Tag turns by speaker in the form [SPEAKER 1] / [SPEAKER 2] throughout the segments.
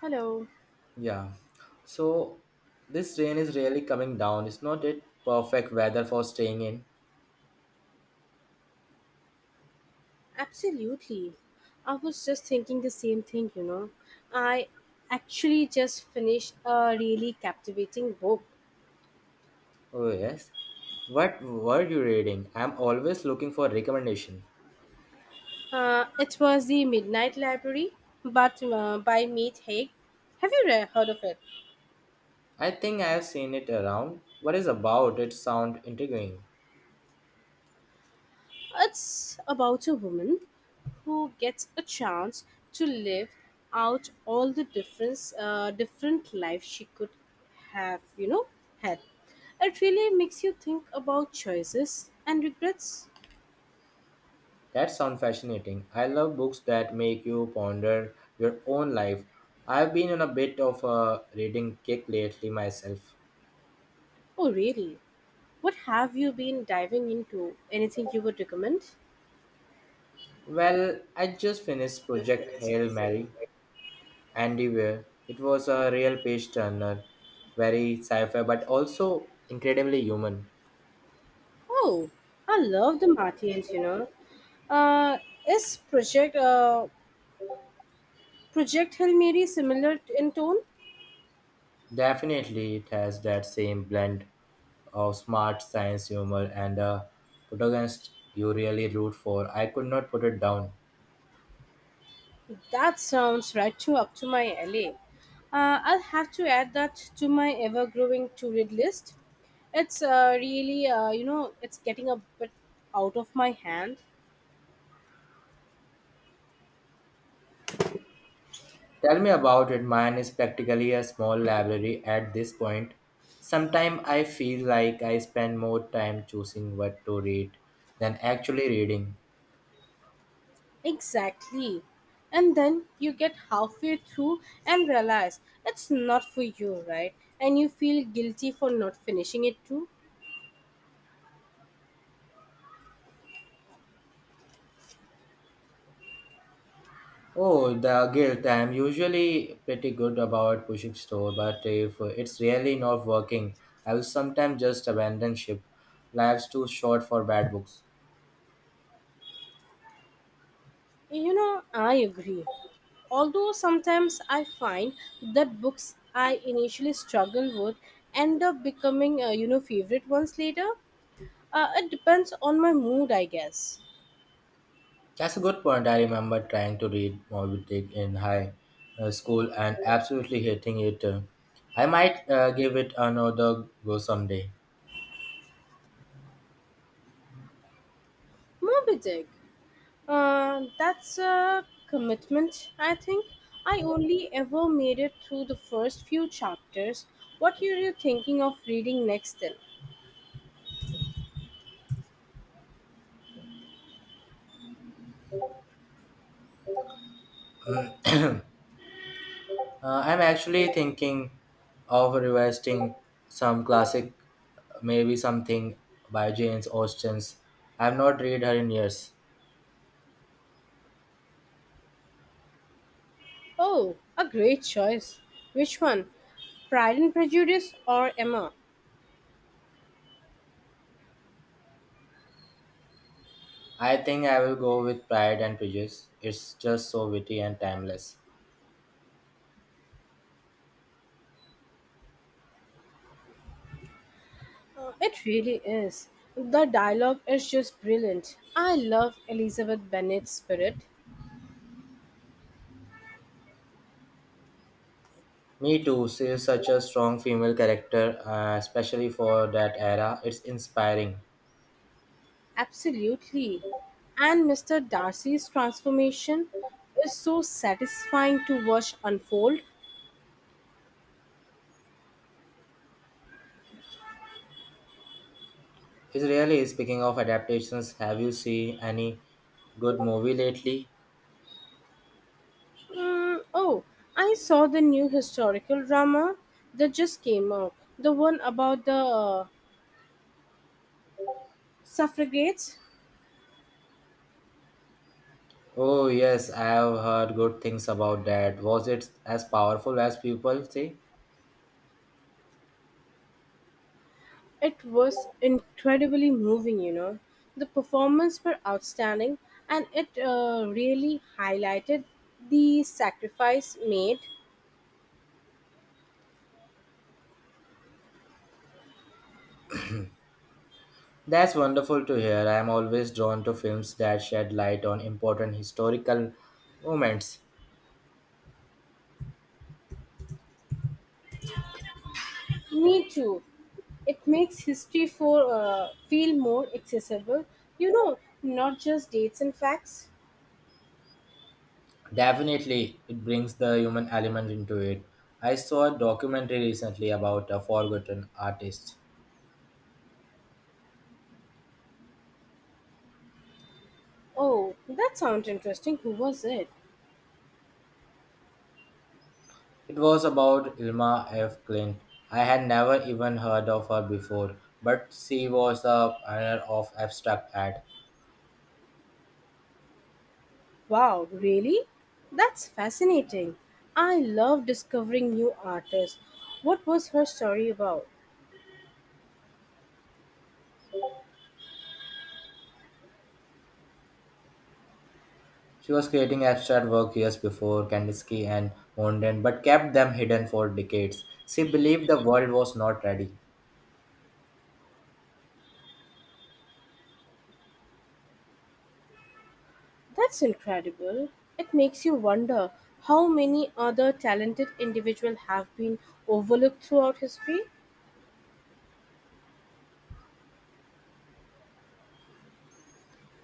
[SPEAKER 1] Hello.
[SPEAKER 2] Yeah. So this rain is really coming down. It's not it perfect weather for staying in.
[SPEAKER 1] Absolutely. I was just thinking the same thing, you know. I actually just finished a really captivating book.
[SPEAKER 2] Oh yes. What were you reading? I'm always looking for recommendation.
[SPEAKER 1] It was The Midnight Library but by Meet Haig. Have you heard of it?
[SPEAKER 2] I think I have seen it around. What is about it sound intriguing.
[SPEAKER 1] It's about a woman who gets a chance to live out all the different life she could have, you know, had. It really makes you think about choices and regrets.
[SPEAKER 2] That sound fascinating. I love books that make you ponder your own life. I've been on a bit of a reading kick lately myself.
[SPEAKER 1] Oh, really? What have you been diving into? Anything you would recommend?
[SPEAKER 2] Well, I just finished Project Hail Mary Andy Weir. It was a real page turner, very sci fi but also incredibly human.
[SPEAKER 1] Oh, I love the Martians, you know. Uh, is Project Hail Mary similar in tone?
[SPEAKER 2] Definitely, it has that same blend of smart science humor and a protagonist you really root for. I could not put it down.
[SPEAKER 1] That sounds right to up to my alley. I'll have to add that to my ever-growing to-read list. It's really, you know, it's getting a bit out of my hand.
[SPEAKER 2] Tell me about it. Mine is practically a small library at this point. Sometimes I feel like I spend more time choosing what to read than actually reading.
[SPEAKER 1] Exactly. And then you get halfway through and realize it's not for you, right? And you feel guilty for not finishing it too.
[SPEAKER 2] Oh, the guilt. I'm usually pretty good about pushing through, but if it's really not working, I will sometimes just abandon ship. Life's too short for bad books.
[SPEAKER 1] You know, I agree. Although sometimes I find that books I initially struggle with end up becoming, you know, favorite ones later. It depends on my mood, I guess.
[SPEAKER 2] That's a good point. I remember trying to read Moby Dick in high school and absolutely hating it. I might give it another go someday.
[SPEAKER 1] Moby Dick. That's a commitment, I think. I only ever made it through the first few chapters. What are you thinking of reading next then?
[SPEAKER 2] I'm actually thinking of revisiting some classic, maybe something by Jane Austen's. I've not read her in years.
[SPEAKER 1] Oh, a great choice. Which one? Pride and Prejudice or Emma?
[SPEAKER 2] I think I will go with Pride and Prejudice. It's just so witty and timeless.
[SPEAKER 1] It really is. The dialogue is just brilliant. I love Elizabeth Bennet's spirit.
[SPEAKER 2] Me too. She is such a strong female character, especially for that era. It's inspiring.
[SPEAKER 1] Absolutely. And Mr. Darcy's transformation is so satisfying to watch unfold.
[SPEAKER 2] Is really speaking of adaptations. Have you seen any good movie lately?
[SPEAKER 1] Oh, I saw the new historical drama that just came out. The one about the suffragettes.
[SPEAKER 2] Oh yes, I have heard good things about that. Was it as powerful as people say?
[SPEAKER 1] It was incredibly moving, you know. The performances were outstanding and it really highlighted the sacrifice made.
[SPEAKER 2] That's wonderful to hear. I am always drawn to films that shed light on important historical moments.
[SPEAKER 1] Me too. It makes history for feel more accessible, you know, not just dates and facts.
[SPEAKER 2] Definitely, it brings the human element into it. I saw a documentary recently about a forgotten artist.
[SPEAKER 1] Oh, that sounds interesting. Who was it?
[SPEAKER 2] It was about Ilma F. Clint. I had never even heard of her before, but she was the pioneer of abstract art.
[SPEAKER 1] Wow, really? That's fascinating. I love discovering new artists. What was her story about?
[SPEAKER 2] She was creating abstract work years before Kandinsky and Mondrian, but kept them hidden for decades. She believed the world was not ready.
[SPEAKER 1] That's incredible. It makes you wonder how many other talented individuals have been overlooked throughout history.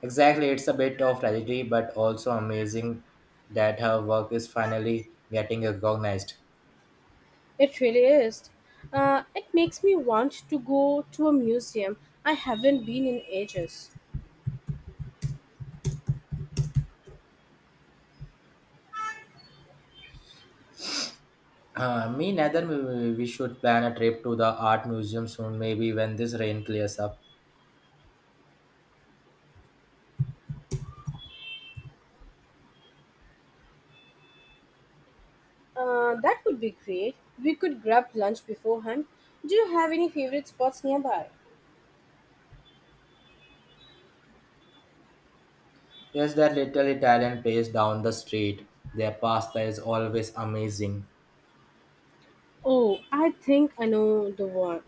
[SPEAKER 2] Exactly, it's a bit of tragedy, but also amazing that her work is finally getting recognized.
[SPEAKER 1] It really is. It makes me want to go to a museum I haven't been in ages.
[SPEAKER 2] Me neither. We should plan a trip to the art museum soon, maybe when this rain clears up.
[SPEAKER 1] That would be great. We could grab lunch beforehand. Do you have any favorite spots nearby?
[SPEAKER 2] There's that little Italian place down the street. Their pasta is always amazing.
[SPEAKER 1] Oh, I think I know the one.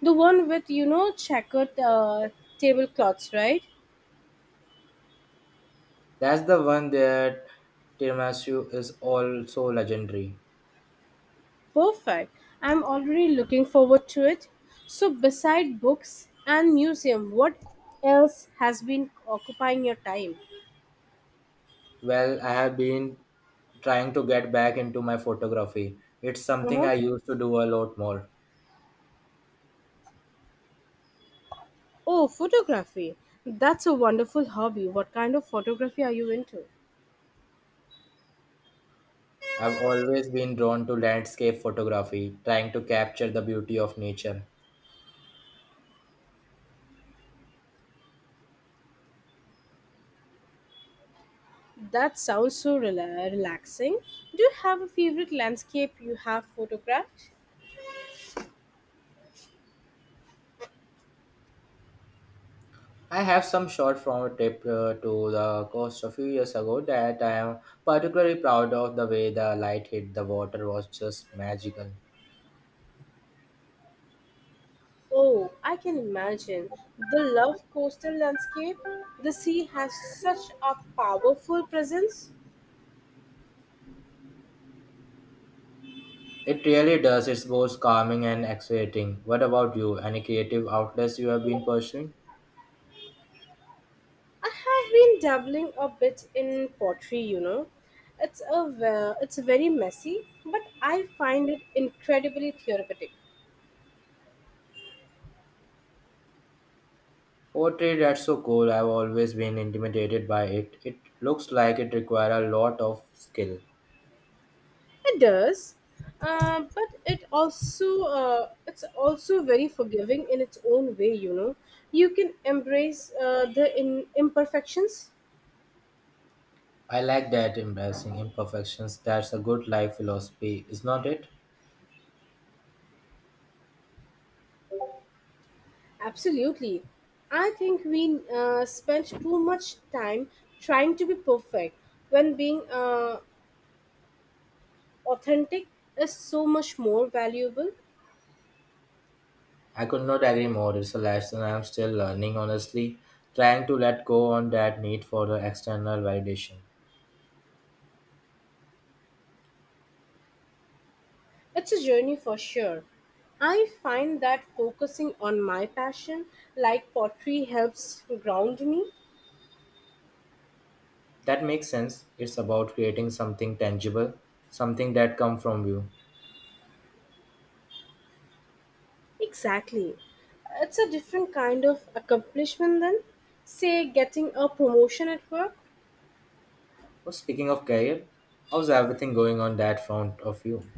[SPEAKER 1] The one with, you know, checkered tablecloths, right?
[SPEAKER 2] That's the one their tiramisu is also legendary.
[SPEAKER 1] Perfect. I'm already looking forward to it. So, beside books and museum, what else has been occupying your time?
[SPEAKER 2] Well, I have been trying to get back into my photography. It's something
[SPEAKER 1] Uh-huh.
[SPEAKER 2] I used to do a lot more.
[SPEAKER 1] Oh, photography. That's a wonderful hobby. What kind of photography are you into?
[SPEAKER 2] I've always been drawn to landscape photography, trying to capture the beauty of nature.
[SPEAKER 1] That sounds so relaxing. Do you have a favorite landscape you have photographed?
[SPEAKER 2] I have some short form trip to the coast a few years ago that I am particularly proud of. The way the light hit the water was just magical.
[SPEAKER 1] Oh, I can imagine. The love coastal landscape, the sea has such a powerful presence.
[SPEAKER 2] It really does. It's both calming and exhilarating. What about you? Any creative outlets you have been pursuing?
[SPEAKER 1] I have been dabbling a bit in pottery, you know. It's very messy, but I find it incredibly therapeutic.
[SPEAKER 2] Poetry, that's so cool. I've always been intimidated by it. It looks like it requires a lot of skill.
[SPEAKER 1] It does, but it also it's also very forgiving in its own way, you know. You can embrace the imperfections.
[SPEAKER 2] I like that embracing imperfections. That's a good life philosophy, is not it?
[SPEAKER 1] Absolutely. I think we spent too much time trying to be perfect when being authentic is so much more valuable.
[SPEAKER 2] I could not agree more. It's a lesson I'm still learning, honestly, trying to let go on that need for the external validation.
[SPEAKER 1] It's a journey for sure. I find that focusing on my passion, like pottery, helps ground me.
[SPEAKER 2] That makes sense. It's about creating something tangible, something that come from you.
[SPEAKER 1] Exactly. It's a different kind of accomplishment than, say, getting a promotion at work.
[SPEAKER 2] Oh, speaking of career, how's everything going on that front of you?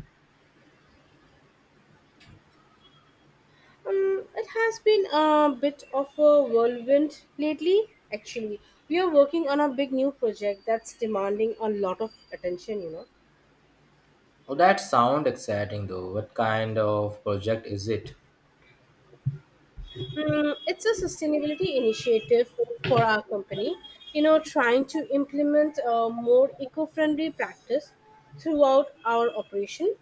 [SPEAKER 1] It has been a bit of a whirlwind lately, actually. We are working on a big new project that's demanding a lot of attention, you know.
[SPEAKER 2] Oh, that sound exciting though. What kind of project is it?
[SPEAKER 1] It's a sustainability initiative for our company, you know, trying to implement a more eco friendly practice throughout our operation.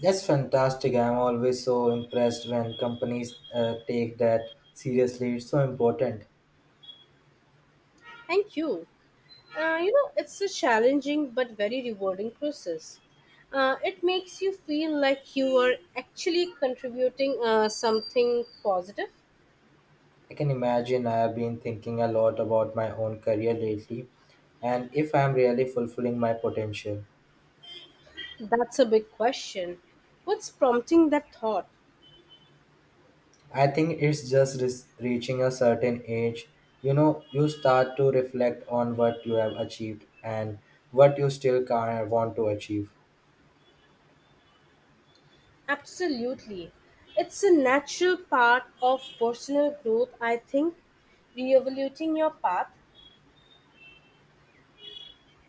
[SPEAKER 2] That's fantastic. I'm always so impressed when companies take that seriously. It's so important.
[SPEAKER 1] Thank you. You know, it's a challenging but very rewarding process. It makes you feel like you are actually contributing something positive.
[SPEAKER 2] I can imagine I have been thinking a lot about my own career lately and if I am really fulfilling my potential.
[SPEAKER 1] That's a big question. What's prompting that thought?
[SPEAKER 2] I think it's just reaching a certain age, you know, you start to reflect on what you have achieved and what you still can want to achieve.
[SPEAKER 1] Absolutely. It's a natural part of personal growth, I think, re-evaluating your path.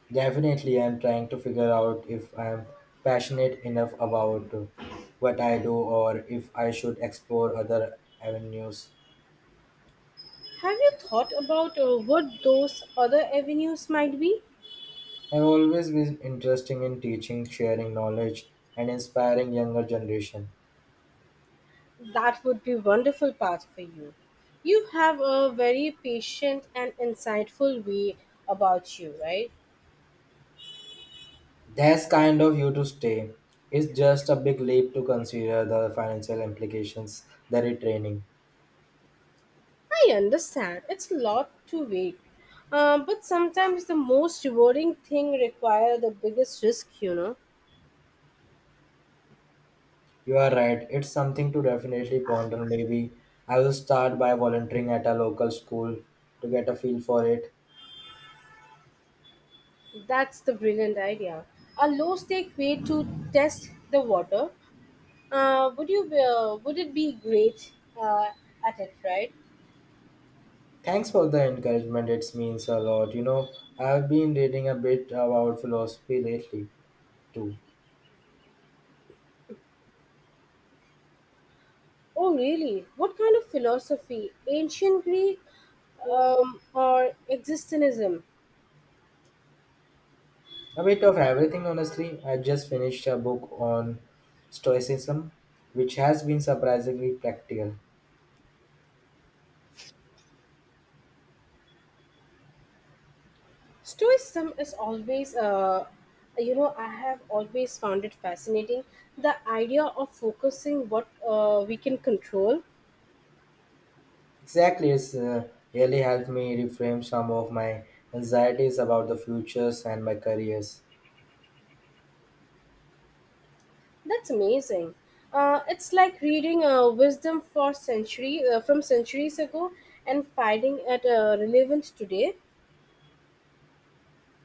[SPEAKER 2] Definitely, I'm trying to figure out if I'm passionate enough about what I do or if I should explore other avenues.
[SPEAKER 1] Have you thought about what those other avenues might be?
[SPEAKER 2] I've always been interested in teaching, sharing knowledge, and inspiring younger generation.
[SPEAKER 1] That would be wonderful path for you. You have a very patient and insightful way about you, right?
[SPEAKER 2] That's kind of you to stay. It's just a big leap to consider the financial implications, the retraining.
[SPEAKER 1] I understand. It's a lot to wait. But sometimes the most rewarding thing require the biggest risk, you know.
[SPEAKER 2] You are right. It's something to definitely ponder. Maybe I will start by volunteering at a local school to get a feel for it.
[SPEAKER 1] That's the brilliant idea. A low stake way to test the water. Would you would it be great uh, at it, right?
[SPEAKER 2] Thanks for the encouragement. It means a lot. You know, I've been reading a bit about philosophy lately too.
[SPEAKER 1] Oh, really? What kind of philosophy? Ancient Greek or existentialism?
[SPEAKER 2] A bit of everything, honestly. I just finished a book on Stoicism, which has been surprisingly practical.
[SPEAKER 1] Stoicism is always, you know, I have always found it fascinating. The idea of focusing what we can control,
[SPEAKER 2] Exactly, it's really helped me reframe some of my anxieties about the futures and my careers.
[SPEAKER 1] that's amazing. It's like reading wisdom for century from centuries ago and finding it relevant today.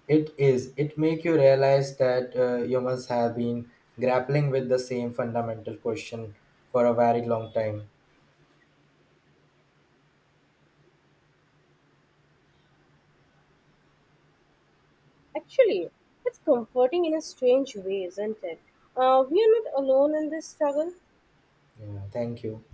[SPEAKER 2] It is. It make you realize that humans have been grappling with the same fundamental question for a very long time.
[SPEAKER 1] Actually, it's comforting in a strange way, isn't it? We are not alone in this struggle.
[SPEAKER 2] Yeah, thank you.